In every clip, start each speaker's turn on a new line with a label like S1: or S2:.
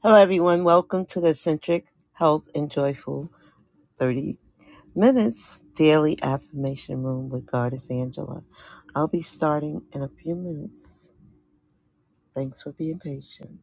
S1: Hello, everyone. Welcome to the Centric Health and Joyful 30 Minutes Daily Affirmation Room with Goddess Angela. I'll be starting in a few minutes. Thanks for being patient.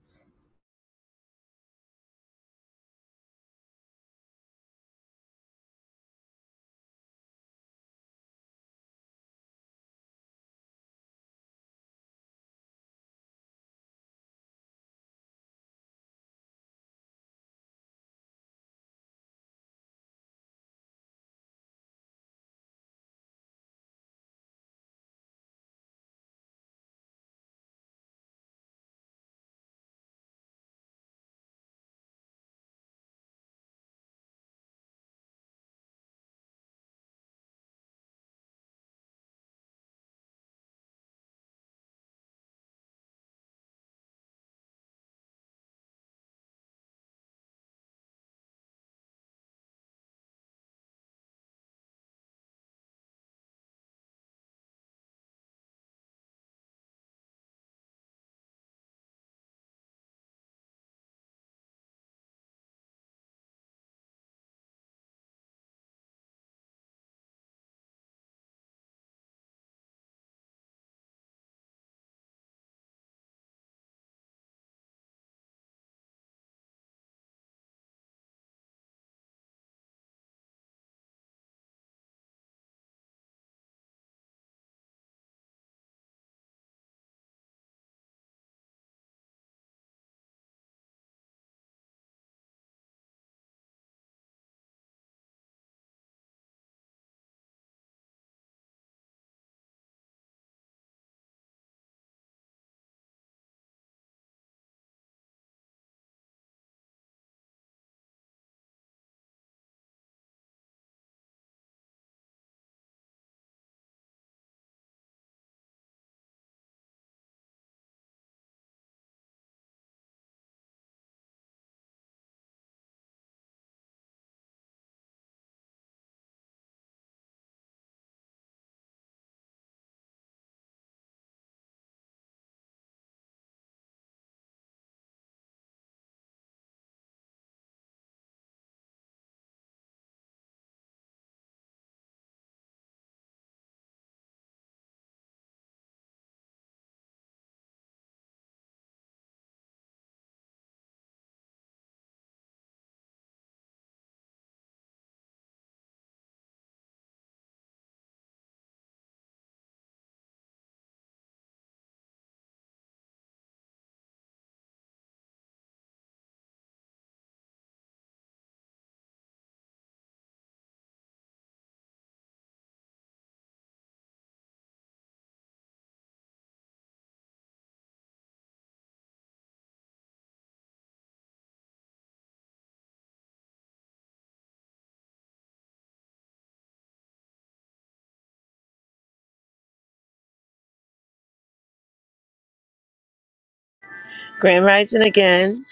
S1: Grand Rising again.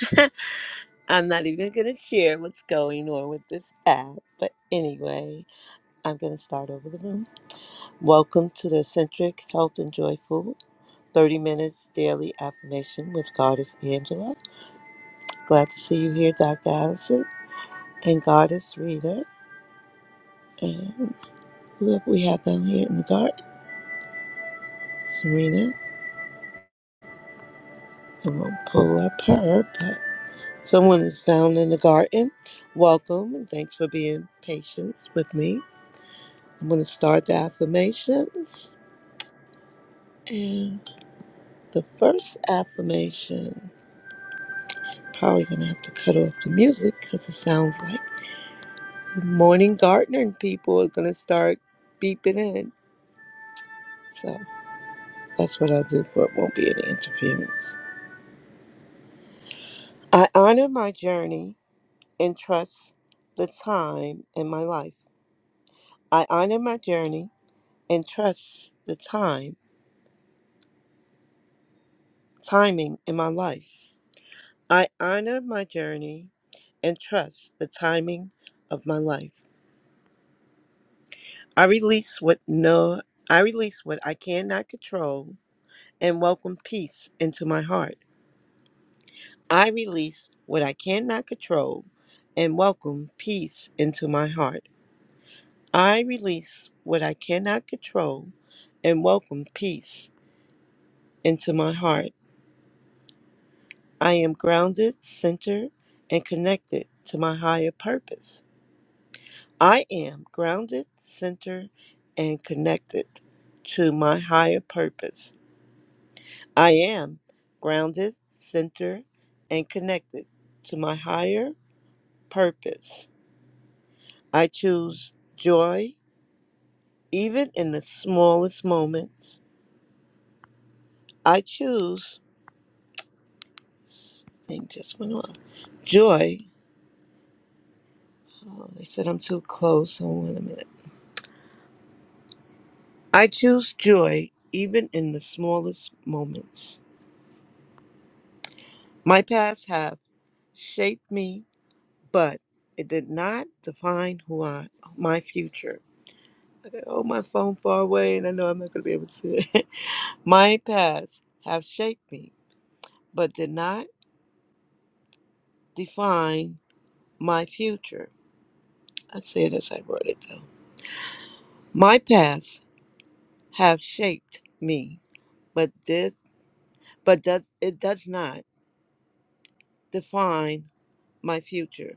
S1: I'm not even going to share what's going on with this app, but anyway, I'm going to start over the room. Welcome to the Centric Health and Joyful 30 Minutes Daily Affirmation with Goddess Angela. Glad to see you here, Dr. Allison. and Goddess Reader. And who have we had down here in the garden? Serena. And we'll pull up her, but someone is down in the garden. Welcome and thanks for being patient with me. I'm going to start the affirmations. And the first affirmation, probably going to have to cut off the music because it sounds like the morning gardening people are going to start beeping in. So that's what I'll do, but it won't be any interference. I honor my journey and trust the time in my life. I honor my journey and trust the time, timing in my life. I honor my journey and trust the timing of my life. I release what no I release what I cannot control and welcome peace into my heart. I release what I cannot control and welcome peace into my heart. I release what I cannot control and welcome peace into my heart. I am grounded, centered, and connected to my higher purpose. I am grounded, centered, and connected to my higher purpose. I am grounded, centered, and connected to my higher purpose. I choose joy even in the smallest moments. I choose Thing just went off. Joy. Oh, they said I'm too close. Hold on a minute. I choose joy even in the smallest moments. My past have shaped me, but it did not define who I my future. Oh, my phone far away, and I know I'm not gonna be able to see it. my past have shaped me, but did not define my future. I say it as I wrote it though. My past have shaped me, but did but does, it does not define my future.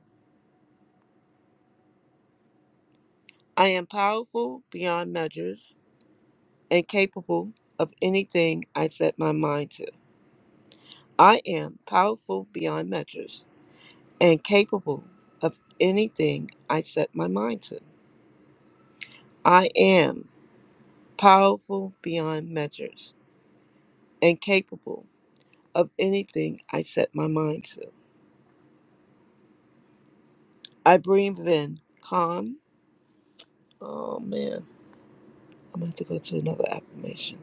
S1: I am powerful beyond measures and capable of anything I set my mind to. I am powerful beyond measures and capable of anything I set my mind to. I am powerful beyond measures and capable of anything I set my mind to. I breathe in calm. Oh man, I'm gonna have to go to another affirmation.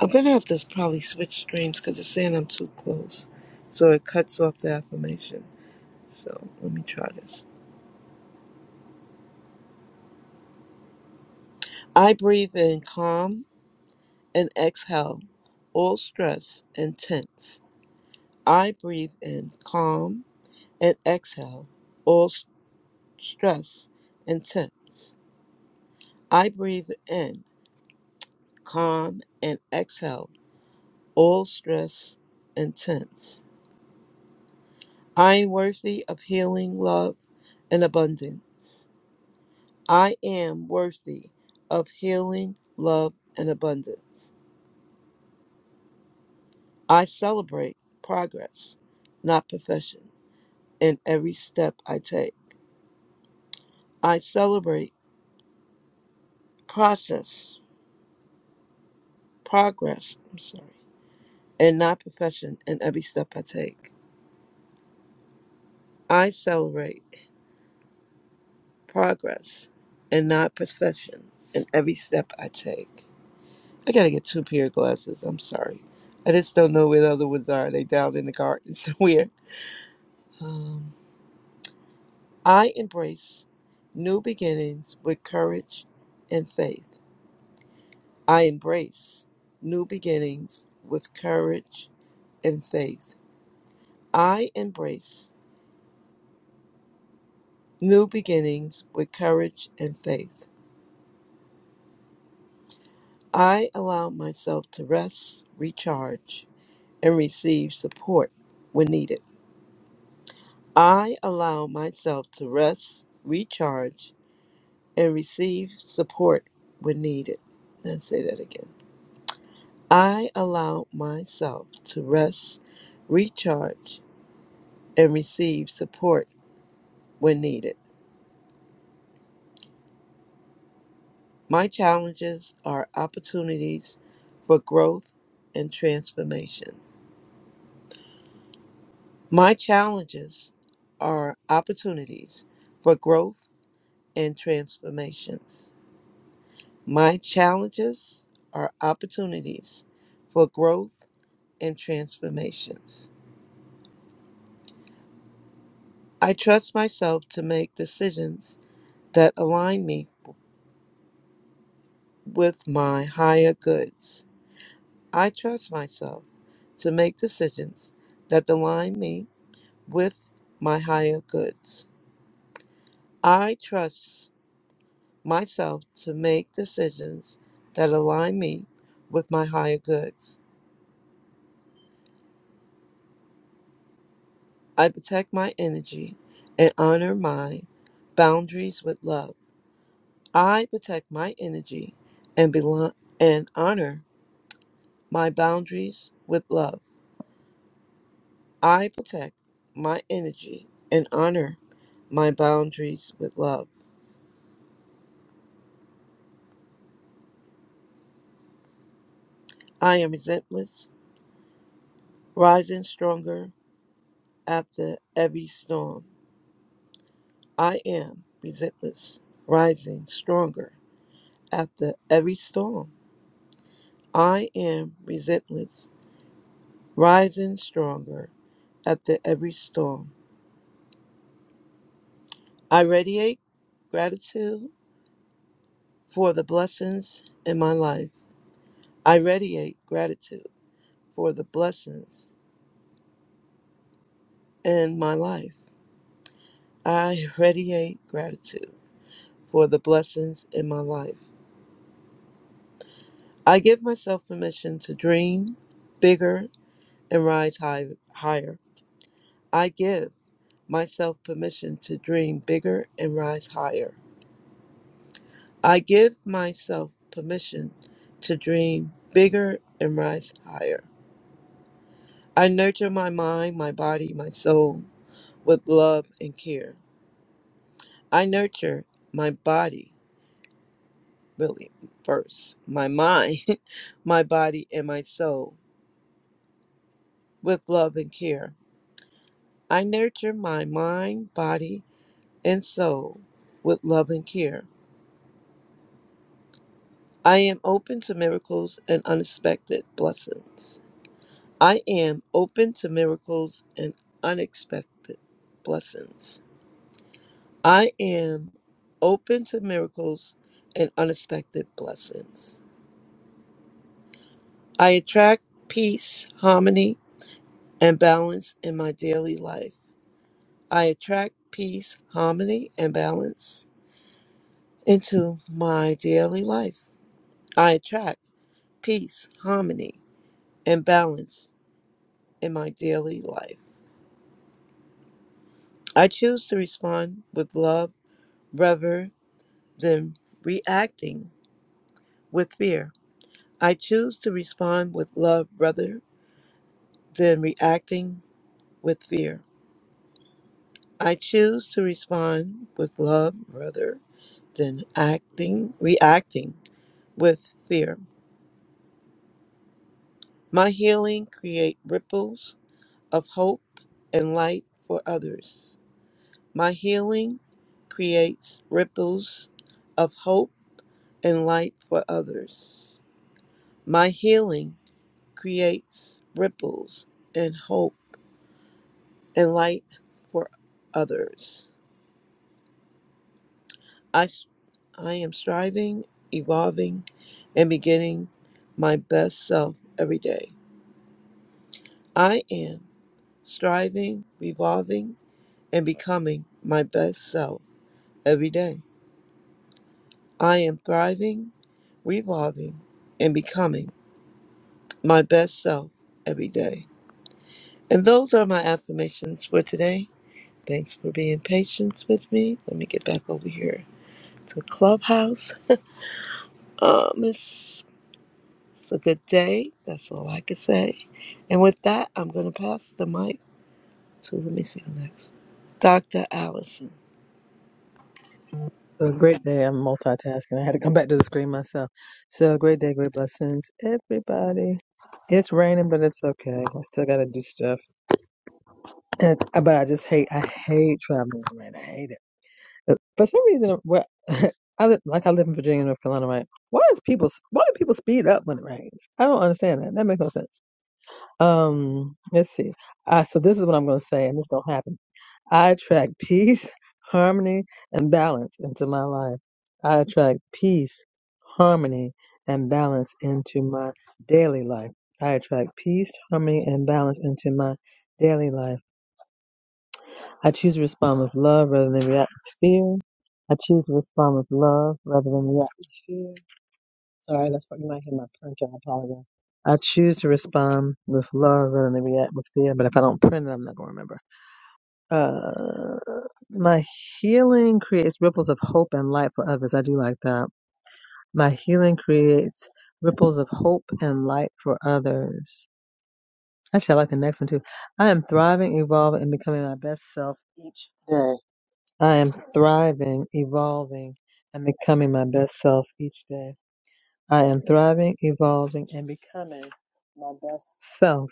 S1: I'm gonna have to probably switch streams because it's saying I'm too close, so it cuts off the affirmation. So let me try this. I breathe in calm and exhale all stress and tense. I breathe in calm and exhale all s- stress and tense. I breathe in calm and exhale all stress and tense. I am worthy of healing, love, and abundance. I am worthy of healing, love, and abundance. I celebrate progress, not perfection, in every step I take. I celebrate process, progress, I'm sorry, and not perfection in every step I take. I celebrate progress and not perfection in every step I take. I gotta get two pair of glasses, I'm sorry. I just don't know where the other ones are. They down in the garden somewhere. Um, I embrace new beginnings with courage and faith. I embrace new beginnings with courage and faith. I embrace new beginnings with courage and faith. I allow myself to rest, recharge, and receive support when needed. I allow myself to rest, recharge, and receive support when needed. Let's say that again. I allow myself to rest, recharge, and receive support when needed. My challenges are opportunities for growth and transformation. My challenges are opportunities for growth and transformations. My challenges are opportunities for growth and transformations. I trust myself to make decisions that align me with my higher goods. I trust myself to make decisions that align me with my higher goods. I trust myself to make decisions that align me with my higher goods. I protect my energy and honor my boundaries with love. I protect my energy and, belo- and honor my boundaries with love. I protect my energy and honor my boundaries with love. I am relentless, rising stronger after every storm. I am relentless, rising stronger after every storm. I am relentless, rising stronger after every storm. I radiate gratitude for the blessings in my life. I radiate gratitude for the blessings in my life. I radiate gratitude for the blessings in my life. I give myself permission to dream bigger and rise high, higher. I give myself permission to dream bigger and rise higher. I give myself permission to dream bigger and rise higher. I nurture my mind, my body, my soul with love and care. I nurture my body really first my mind, my body, and my soul with love and care. I nurture my mind, body, and soul with love and care. I am open to miracles and unexpected blessings. I am open to miracles and unexpected blessings. I am open to miracles and unexpected blessings. I attract peace, harmony, and balance in my daily life. I attract peace, harmony, and balance into my daily life. I attract peace, harmony, and balance in my daily life. I choose to respond with love rather than reacting with fear. I choose to respond with love rather than reacting with fear. I choose to respond with love rather than acting, reacting with fear. My healing create ripples of hope and light for others. My healing creates ripples of hope and light for others. My healing creates ripples and hope and light for others. I, s- I am striving, evolving, and beginning my best self every day. I am striving, evolving and becoming my best self every day. I am thriving, revolving, and becoming my best self every day. And those are my affirmations for today. Thanks for being patient with me. Let me get back over here to Clubhouse. Um, it's, it's a good day. That's all I can say. And with that, I'm going to pass the mic to, let me see who next, Dr. Allison.
S2: So a great day. I'm multitasking. I had to come back to the screen myself. So a great day, great blessings, everybody. It's raining, but it's okay. I still gotta do stuff. And, uh, but I just hate. I hate traveling in the rain. I hate it. But for some reason, where I live, like I live in Virginia, North Carolina, right? Why is people? Why do people speed up when it rains? I don't understand that. That makes no sense. Um, let's see. Uh, so this is what I'm gonna say, and this don't happen. I attract peace, harmony, and balance into my life. I attract peace, harmony, and balance into my daily life. I attract peace, harmony, and balance into my daily life. I choose to respond with love rather than react with fear. I choose to respond with love rather than react with fear. Sorry, that's what you might hear my printer. I apologize. I choose to respond with love rather than react with fear, but if I don't print it, I'm not going to remember. Uh, my healing creates ripples of hope and light for others. I do like that. My healing creates ripples of hope and light for others. Actually, I like the next one too. I am thriving, evolving, and becoming my best self each day. I am thriving, evolving, and becoming my best self each day. I am thriving, evolving, and becoming my best self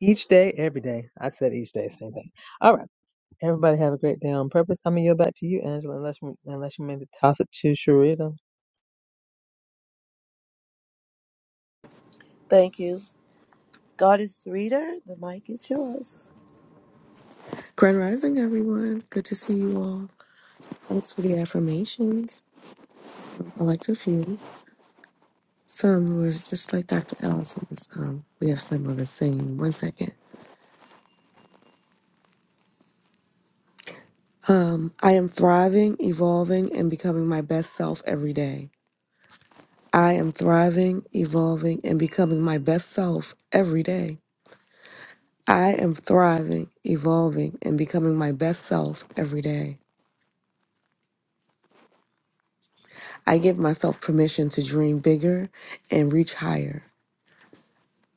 S2: each day, every day. I said each day, same thing. All right. Everybody have a great day on purpose. I'm gonna yield back to you, Angela, unless you, unless you maybe toss it to Sharita.
S1: Thank you. God is the reader. The mic is yours.
S3: Grand Rising, everyone. Good to see you all. Thanks for the affirmations. I liked a few. Some were just like Dr. Allison's. Um, we have some of the same. One second. I am thriving, evolving, and becoming my best self every day. I am thriving, evolving, and becoming my best self every day. I am thriving, evolving, and becoming my best self every day. I give myself permission to dream bigger and reach higher.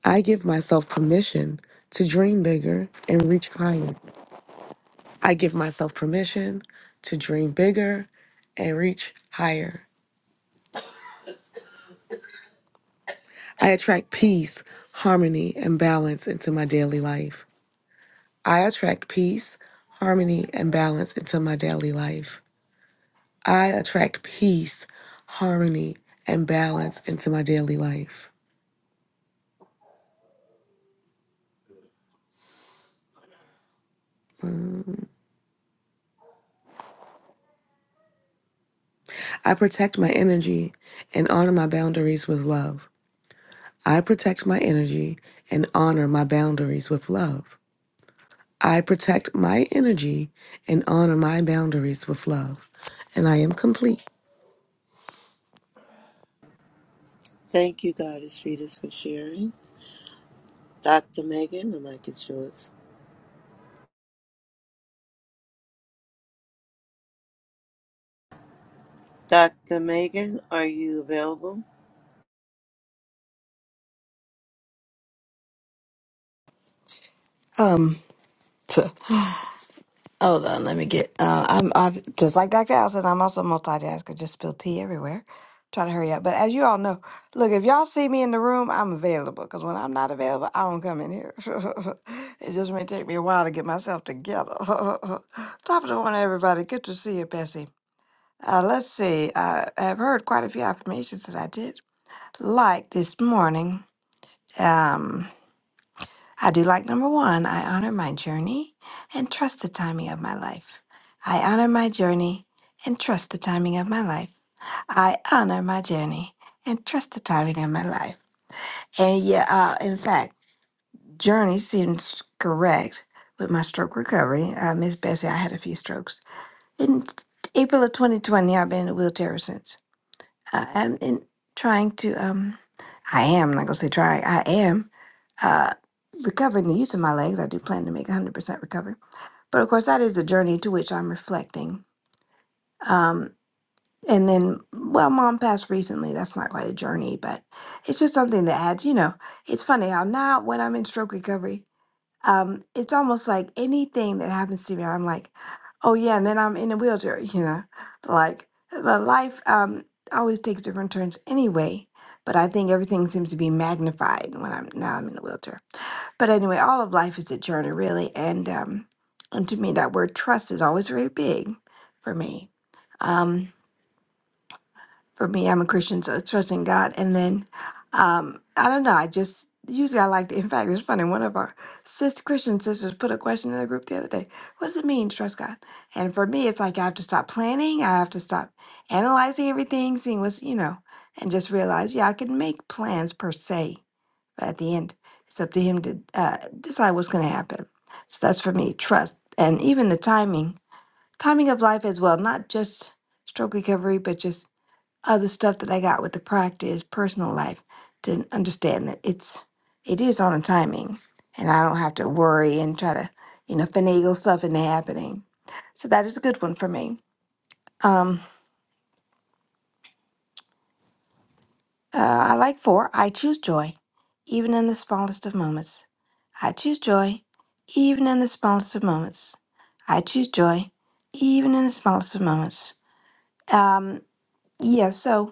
S3: I give myself permission to dream bigger and reach higher. I give myself permission to dream bigger and reach higher. I attract peace, harmony, and balance into my daily life. I attract peace, harmony, and balance into my daily life. I attract peace, harmony, and balance into my daily life. I protect my energy and honor my boundaries with love. I protect my energy and honor my boundaries with love. I protect my energy and honor my boundaries with love. And I am complete.
S1: Thank you, Goddess Fetus, for sharing. Dr. Megan, the mic is yours. Dr. Megan, are you available?
S4: Um, so, hold on, let me get. Uh, I'm, I'm just like Dr. Allison. I'm also a multitasker. Just spill tea everywhere. Try to hurry up. But as you all know, look, if y'all see me in the room, I'm available. Because when I'm not available, I don't come in here. it just may take me a while to get myself together. Top of the morning, everybody. Good to see you, Bessie. Uh, let's see. I have heard quite a few affirmations that I did like this morning. Um, I do like number one. I honor my journey and trust the timing of my life. I honor my journey and trust the timing of my life. I honor my journey and trust the timing of my life. And yeah, uh, in fact, journey seems correct with my stroke recovery. Uh, Miss Bessie, I had a few strokes. In April of 2020, I've been in a wheelchair since. I am in trying to um I am not gonna say try, I am uh recovering the use of my legs. I do plan to make 100% recovery. But of course that is a journey to which I'm reflecting. Um and then well mom passed recently. That's not quite a journey, but it's just something that adds, you know, it's funny how now when I'm in stroke recovery um, it's almost like anything that happens to me, I'm like, oh yeah, and then I'm in a wheelchair, you know, like the life um, always takes different turns anyway. But I think everything seems to be magnified when I'm now I'm in a wheelchair. But anyway, all of life is a journey, really, and um, and to me, that word trust is always very big for me. Um, for me. I'm a Christian, so trusting God. And then um, I don't know. I just usually I like to. In fact, it's funny. One of our sis Christian sisters put a question in the group the other day. What does it mean to trust God? And for me, it's like I have to stop planning. I have to stop analyzing everything, seeing what's you know, and just realize yeah, I can make plans per se, but at the end, it's up to Him to uh, decide what's going to happen. So that's for me trust, and even the timing, timing of life as well, not just stroke recovery, but just other stuff that I got with the practice, personal life, to understand that it's it is on a timing, and I don't have to worry and try to you know finagle stuff into happening. So that is a good one for me. Um, uh, I like four. I choose joy, even in the smallest of moments. I choose joy, even in the smallest of moments. I choose joy, even in the smallest of moments. Um, yeah. So.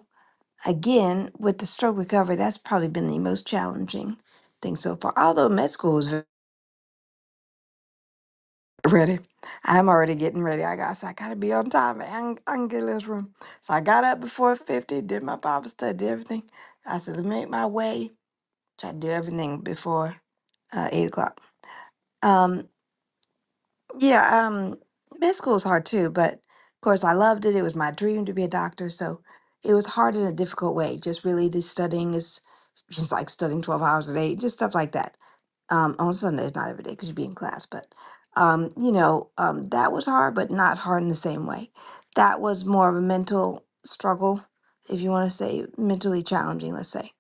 S4: again, with the stroke recovery, that's probably been the most challenging thing so far. Although med school is ve- ready, I'm already getting ready. I got, so I got to be on time. I can, I can get in this room. So I got up before 50, did my Bible study, did everything. I said, let me make my way. Try to do everything before uh, 8 o'clock. Um, Yeah, um, med school is hard too, but of course I loved it. It was my dream to be a doctor, so it was hard in a difficult way. Just really the studying is just like studying 12 hours a day, just stuff like that. Um, on Sundays, not every day because you'd be in class, but um, you know, um, that was hard, but not hard in the same way. That was more of a mental struggle, if you want to say mentally challenging, let's say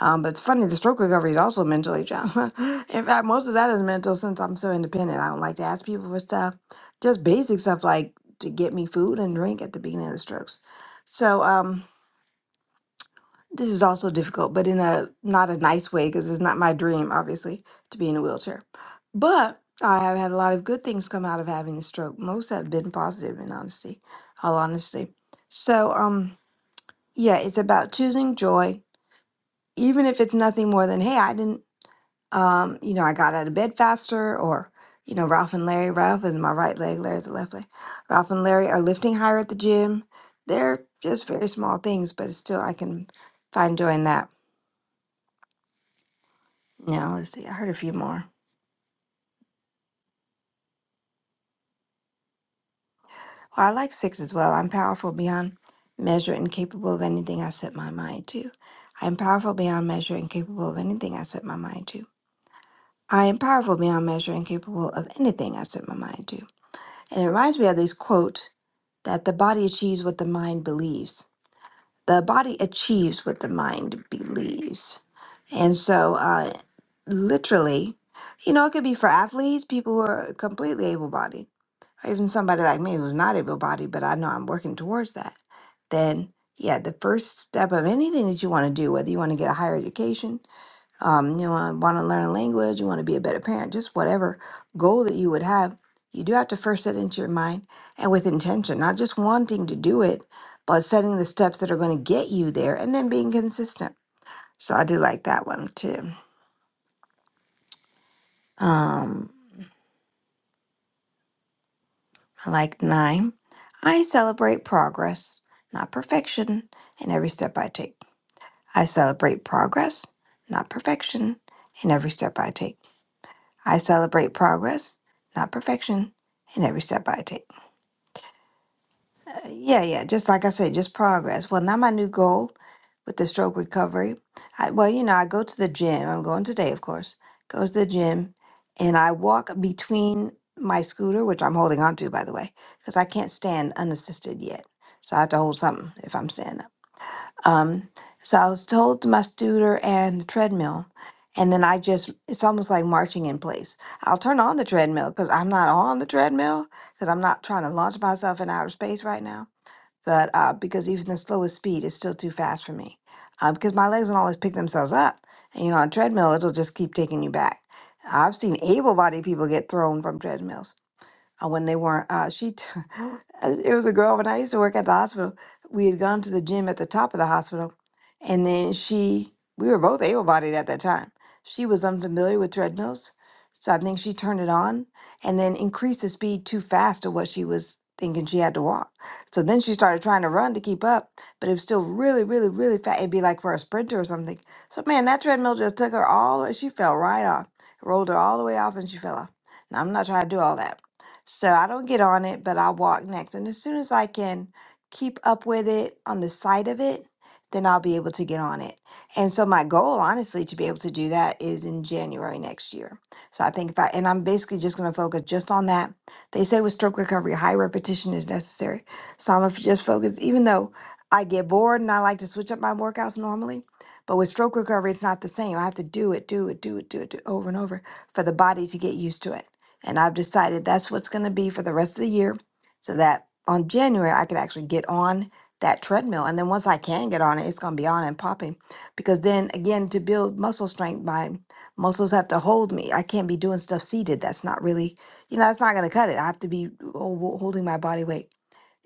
S4: um, but it's funny, the stroke recovery is also mentally trauma. In fact, most of that is mental since I'm so independent. I don't like to ask people for stuff, just basic stuff like to get me food and drink at the beginning of the strokes. So um, this is also difficult, but in a not a nice way because it's not my dream, obviously, to be in a wheelchair. But I have had a lot of good things come out of having the stroke. Most have been positive, in honesty, all honesty. So um, yeah, it's about choosing joy, even if it's nothing more than hey, I didn't. Um, you know, I got out of bed faster, or, you know, Ralph and Larry, Ralph is my right leg, Larry's the left leg. Ralph and Larry are lifting higher at the gym. They're just very small things, but still, I can find doing that. Now, let's see, I heard a few more. Well, I like six as well. I'm powerful beyond measure and capable of anything I set my mind to. I am powerful beyond measure and capable of anything I set my mind to. I am powerful beyond measure and capable of anything I set my mind to. And it reminds me of this quote that the body achieves what the mind believes. The body achieves what the mind believes. And so, uh, literally, you know, it could be for athletes, people who are completely able bodied, or even somebody like me who's not able bodied, but I know I'm working towards that. Then, yeah, the first step of anything that you want to do, whether you want to get a higher education, um, you know, want to learn a language, you want to be a better parent, just whatever goal that you would have, you do have to first set into your mind and with intention, not just wanting to do it, but setting the steps that are going to get you there and then being consistent. So I do like that one too. Um, I like nine. I celebrate progress, not perfection, in every step I take. I celebrate progress, not perfection, in every step I take. I celebrate progress, not perfection, in every step I take. Yeah, yeah. Just like I said, just progress. Well, now my new goal with the stroke recovery. I, well, you know, I go to the gym. I'm going today, of course. Goes to the gym, and I walk between my scooter, which I'm holding on to, by the way, because I can't stand unassisted yet. So I have to hold something if I'm standing up. Um, so I was told to my scooter and the treadmill, and then I just, it's almost like marching in place. I'll turn on the treadmill because I'm not on the treadmill because I'm not trying to launch myself in outer space right now but uh, because even the slowest speed is still too fast for me uh, because my legs don't always pick themselves up and you know on a treadmill it'll just keep taking you back i've seen able-bodied people get thrown from treadmills uh, when they weren't. Uh, she, t- it was a girl when I used to work at the hospital. We had gone to the gym at the top of the hospital, and then she, we were both able-bodied at that time. She was unfamiliar with treadmills, so I think she turned it on and then increased the speed too fast to what she was thinking she had to walk. So then she started trying to run to keep up, but it was still really, really, really fast. It'd be like for a sprinter or something. So man, that treadmill just took her all. She fell right off, rolled her all the way off, and she fell off. Now I'm not trying to do all that. So I don't get on it, but I walk next. And as soon as I can keep up with it on the side of it, then I'll be able to get on it. And so my goal, honestly, to be able to do that is in January next year. So I think if I, and I'm basically just going to focus just on that. They say with stroke recovery, high repetition is necessary. So I'm going to just focus, even though I get bored and I like to switch up my workouts normally. But with stroke recovery, it's not the same. I have to do it, do it, do it, do it, do it over and over for the body to get used to it. And I've decided that's what's going to be for the rest of the year so that on January I could actually get on that treadmill. And then once I can get on it, it's going to be on and popping. Because then again, to build muscle strength, my muscles have to hold me. I can't be doing stuff seated. That's not really, you know, that's not going to cut it. I have to be ho- ho- holding my body weight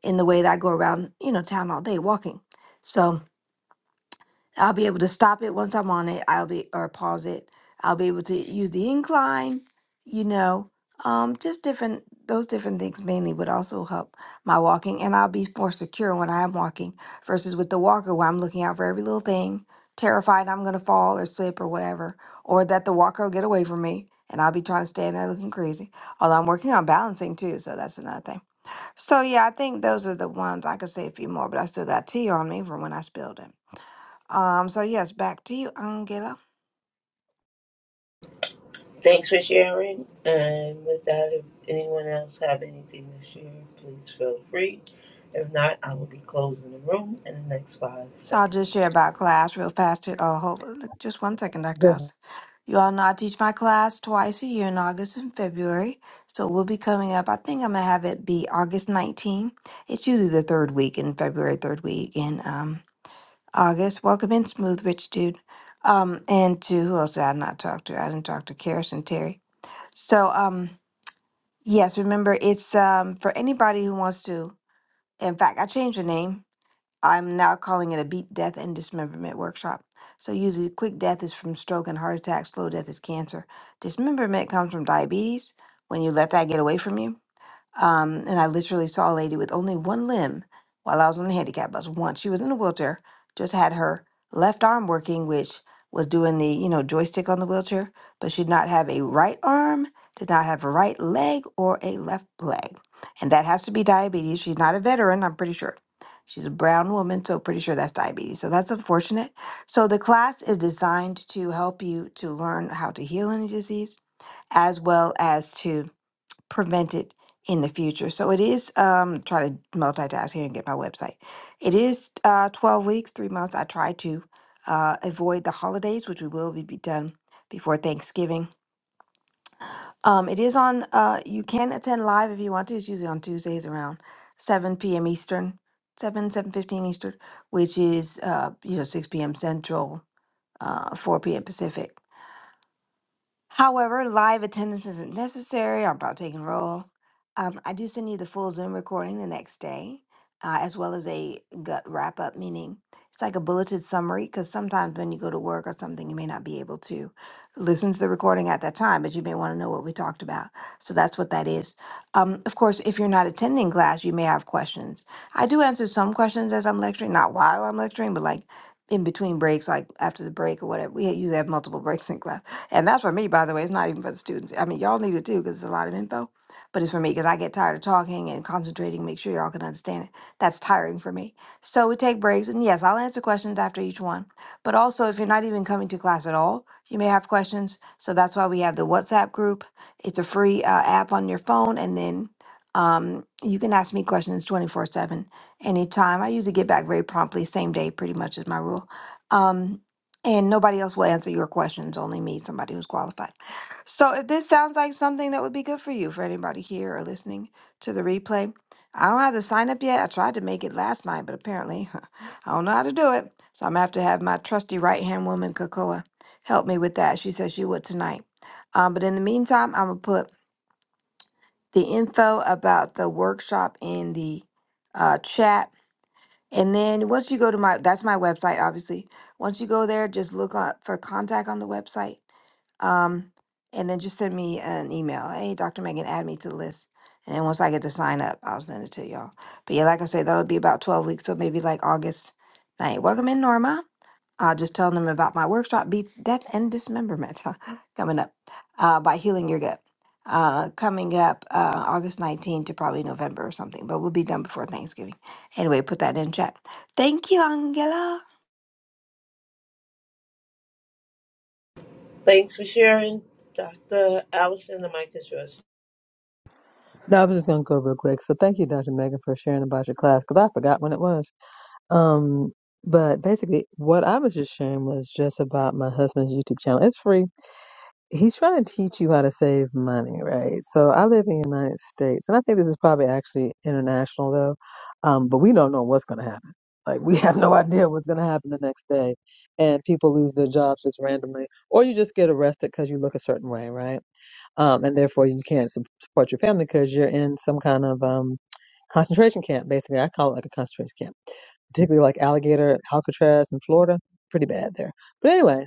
S4: in the way that I go around, you know, town all day walking. So, I'll be able to stop it once I'm on it. I'll be or pause it. I'll be able to use the incline, you know, um, just different those different things mainly would also help my walking, and I'll be more secure when I am walking versus with the walker where I'm looking out for every little thing, terrified I'm gonna fall or slip or whatever, or that the walker will get away from me. And I'll be trying to stand there looking crazy. Although I'm working on balancing too, so that's another thing. So yeah, I think those are the ones I could say a few more, but I still got tea on me from when I spilled it. Um, so yes, back to you, Angela.
S1: Thanks for sharing. And with that, if anyone else have anything to share, please feel free. If not, I will be closing the room in the next five
S4: So I'll just share
S1: seconds.
S4: about class real fast. To, oh, hold just one second, Dr.
S2: Go ahead.
S4: House. You all know I teach my class twice a year in August and February. So we'll be coming up. I think I'm gonna have it be August 19. It's usually the third week in February, third week in um August. Welcome in, smooth rich dude. Um, and to who else did I not talk to? I didn't talk to Karis and Terry. So um, yes, remember it's um for anybody who wants to. In fact, I changed the name I'm now calling it a beat death and dismemberment workshop. So usually quick death is from stroke and heart attack, slow death is cancer. Dismemberment comes from diabetes when you let that get away from you. Um, and I literally saw a lady with only one limb while I was on the handicap bus once. She was in a wheelchair, just had her left arm working, which was doing the, you know, joystick on the wheelchair, but she did not have a right arm, did not have a right leg or a left leg. And that has to be diabetes. She's not a veteran, I'm pretty sure. She's a brown woman, so pretty sure that's diabetes. So that's unfortunate. So the class is designed to help you to learn how to heal any disease as well as to prevent it in the future. So it is um try to multitask here and get my website. It is uh 12 weeks, 3 months. I try to uh avoid the holidays, which we will be, be done before Thanksgiving. Um it is on uh you can attend live if you want to. It's usually on Tuesdays around 7 p.m. Eastern, 7 7:15 Eastern, which is uh you know 6 p.m. Central, uh 4 p.m. Pacific. However, live attendance isn't necessary. I'm about taking roll. Um, I do send you the full Zoom recording the next day, uh, as well as a gut wrap up, meaning it's like a bulleted summary. Because sometimes when you go to work or something, you may not be able to listen to the recording at that time, but you may want to know what we talked about. So that's what that is. Um, of course, if you're not attending class, you may have questions. I do answer some questions as I'm lecturing, not while I'm lecturing, but like in between breaks, like after the break or whatever. We usually have multiple breaks in class and that's for me, by the way. It's not even for the students. I mean, y'all need it too because it's a lot of info, but it's for me because I get tired of talking and concentrating, make sure y'all can understand it. That's tiring for me. So we take breaks. And yes, I'll answer questions after each one. But also, if you're not even coming to class at all, you may have questions. So that's why we have the WhatsApp group. It's a free uh, app on your phone. And then um, you can ask me questions 24 7 anytime. I usually get back very promptly, same day, pretty much is my rule. Um, and nobody else will answer your questions, only me, somebody who's qualified. So if this sounds like something that would be good for you, for anybody here or listening to the replay, I don't have the sign up yet. I tried to make it last night, but apparently I don't know how to do it. So I'm gonna have to have my trusty right hand woman, Kakoa, help me with that. She said she would tonight. Um, but in the meantime, I'm gonna put the info about the workshop in the uh, chat and then once you go to my, that's my website, obviously. Once you go there, just look up for contact on the website. Um, and then just send me an email. Hey, Dr. Megan, add me to the list. And then once I get the sign up, I'll send it to y'all. But yeah, like I said, that'll be about 12 weeks. So maybe like August 9th. Welcome in, Norma uh, just telling them about my workshop, Be Death and Dismemberment, coming up uh, by Healing Your Gut. Uh, coming up uh, August 19th to probably November or something, but we'll be done before Thanksgiving. Anyway, put that in chat. Thank you, Angela.
S1: Thanks for sharing, Dr. Allison. The mic is yours.
S2: No, I was just gonna go real quick. So thank you, Dr. Megan, for sharing about your class because I forgot when it was. Um, but basically, what I was just sharing was just about my husband's YouTube channel. It's free he's trying to teach you how to save money, right? So I live in the United States, and I think this is probably actually international though, um, but we don't know what's going to happen. Like we have no idea what's going to happen the next day, and people lose their jobs just randomly, or you just get arrested because you look a certain way, right? Um, and therefore you can't su- support your family because you're in some kind of um, concentration camp. Basically, I call it like a concentration camp, particularly like alligator Alcatraz in Florida, pretty bad there. But anyway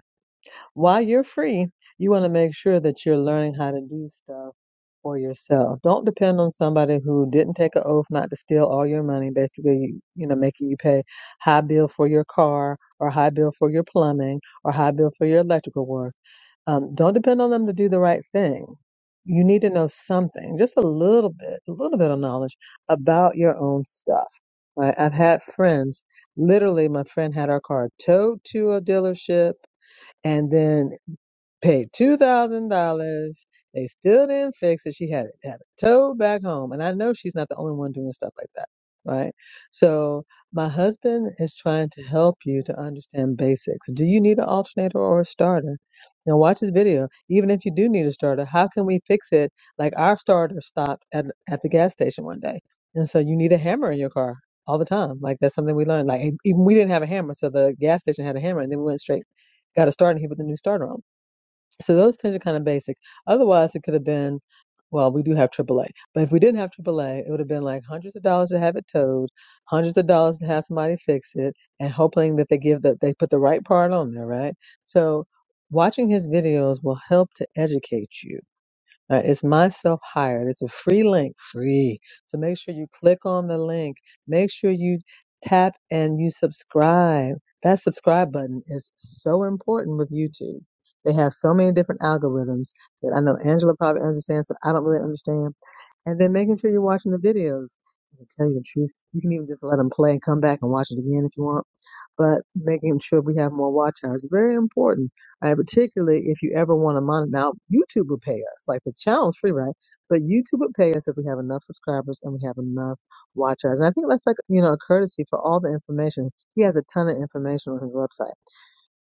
S2: while you're free, you want to make sure that you're learning how to do stuff for yourself. Don't depend on somebody who didn't take an oath not to steal all your money, basically, you know, making you pay high bill for your car or high bill for your plumbing or high bill for your electrical work. Um, don't depend on them to do the right thing. You need to know something, just a little bit, a little bit of knowledge about your own stuff. Right? I've had friends, literally, my friend had our car towed to a dealership and then paid two thousand dollars. They still didn't fix it. She had it had it towed back home, and I know she's not the only one doing stuff like that, right? So my husband is trying to help you to understand basics. Do you need an alternator or a starter? Now watch this video. Even if you do need a starter, how can we fix it? Like our starter stopped at at the gas station one day, and so you need a hammer in your car all the time. Like that's something we learned. Like e, even we didn't have a hammer, so the gas station had a hammer, and then we went straight got a starter and he put the new starter on. So those things are kind of basic. Otherwise, it could have been, well, we do have AAA. But if we didn't have AAA, it would have been like hundreds of dollars to have it towed, hundreds of dollars to have somebody fix it, and hoping that they give the, they put the right part on there, right? So watching his videos will help to educate you uh, it's myself hired. It's a free link, free. So make sure you click on the link. Make sure you tap and you subscribe. That subscribe button is so important with YouTube. They have so many different algorithms that I know Angela probably understands, but I don't really understand. And then making sure you're watching the videos. To tell you the truth, you can even just let them play and come back and watch it again if you want but making sure we have more watch hours very important. And particularly if you ever want to monitor. Now, YouTube will pay us. Like the channel's free, right? But YouTube would pay us if we have enough subscribers and we have enough watch hours. And I think that's like you know a courtesy for all the information. He has a ton of information on his website.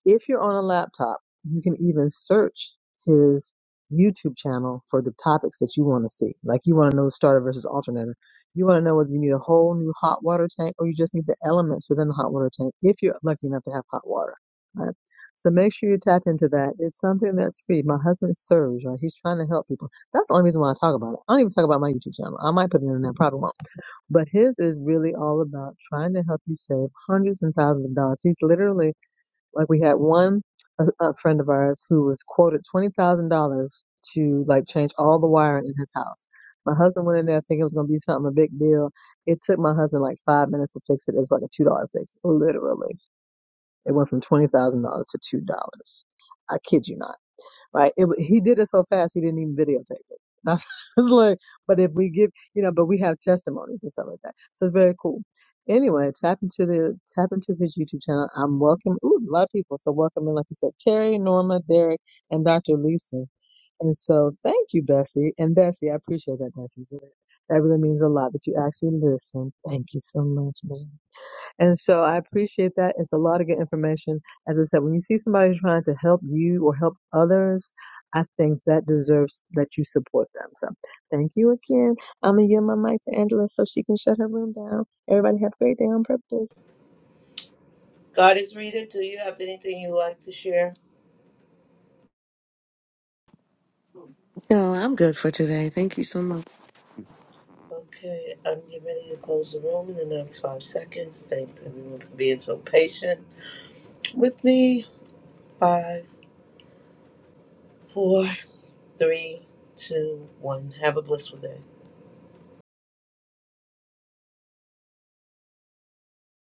S2: If you're on a laptop, you can even search his YouTube channel for the topics that you want to see. Like you want to know the starter versus alternator. You want to know whether you need a whole new hot water tank or you just need the elements within the hot water tank if you're lucky enough to have hot water. Right? So make sure you tap into that. It's something that's free. My husband serves, right? He's trying to help people. That's the only reason why I talk about it. I don't even talk about my YouTube channel. I might put it in there, probably won't. But his is really all about trying to help you save hundreds and thousands of dollars. He's literally like we had one a, a friend of ours who was quoted twenty thousand dollars to like change all the wiring in his house. My husband went in there thinking it was gonna be something a big deal. It took my husband like five minutes to fix it. It was like a two dollar fix, literally. It went from twenty thousand dollars to two dollars. I kid you not right? It, he did it so fast he didn't even videotape it. I was like, but if we give, you know, but we have testimonies and stuff like that, so it's very cool. Anyway, tap into the tap into his YouTube channel. I'm welcome. Ooh, a lot of people, so welcome. And like I said, Terry, Norma, Derek, and Dr. Lisa. And so, thank you, Bessie. And Bessie, I appreciate that, Bessie. That that really means a lot that you actually listen. Thank you so much, man. And so I appreciate that. It's a lot of good information. As I said, when you see somebody trying to help you or help others, I think that deserves that you support them. So thank you again. I'm going to yield my mic to Angela so she can shut her room down. Everybody have a great day on purpose.
S1: God is reader. Do you have anything you'd like to share?
S3: No, I'm good for today. Thank you so much.
S1: Okay, I'm getting ready to close the room in the next five seconds. Thanks everyone for being so patient. with me. Five, four, three, two, one. Have a blissful day.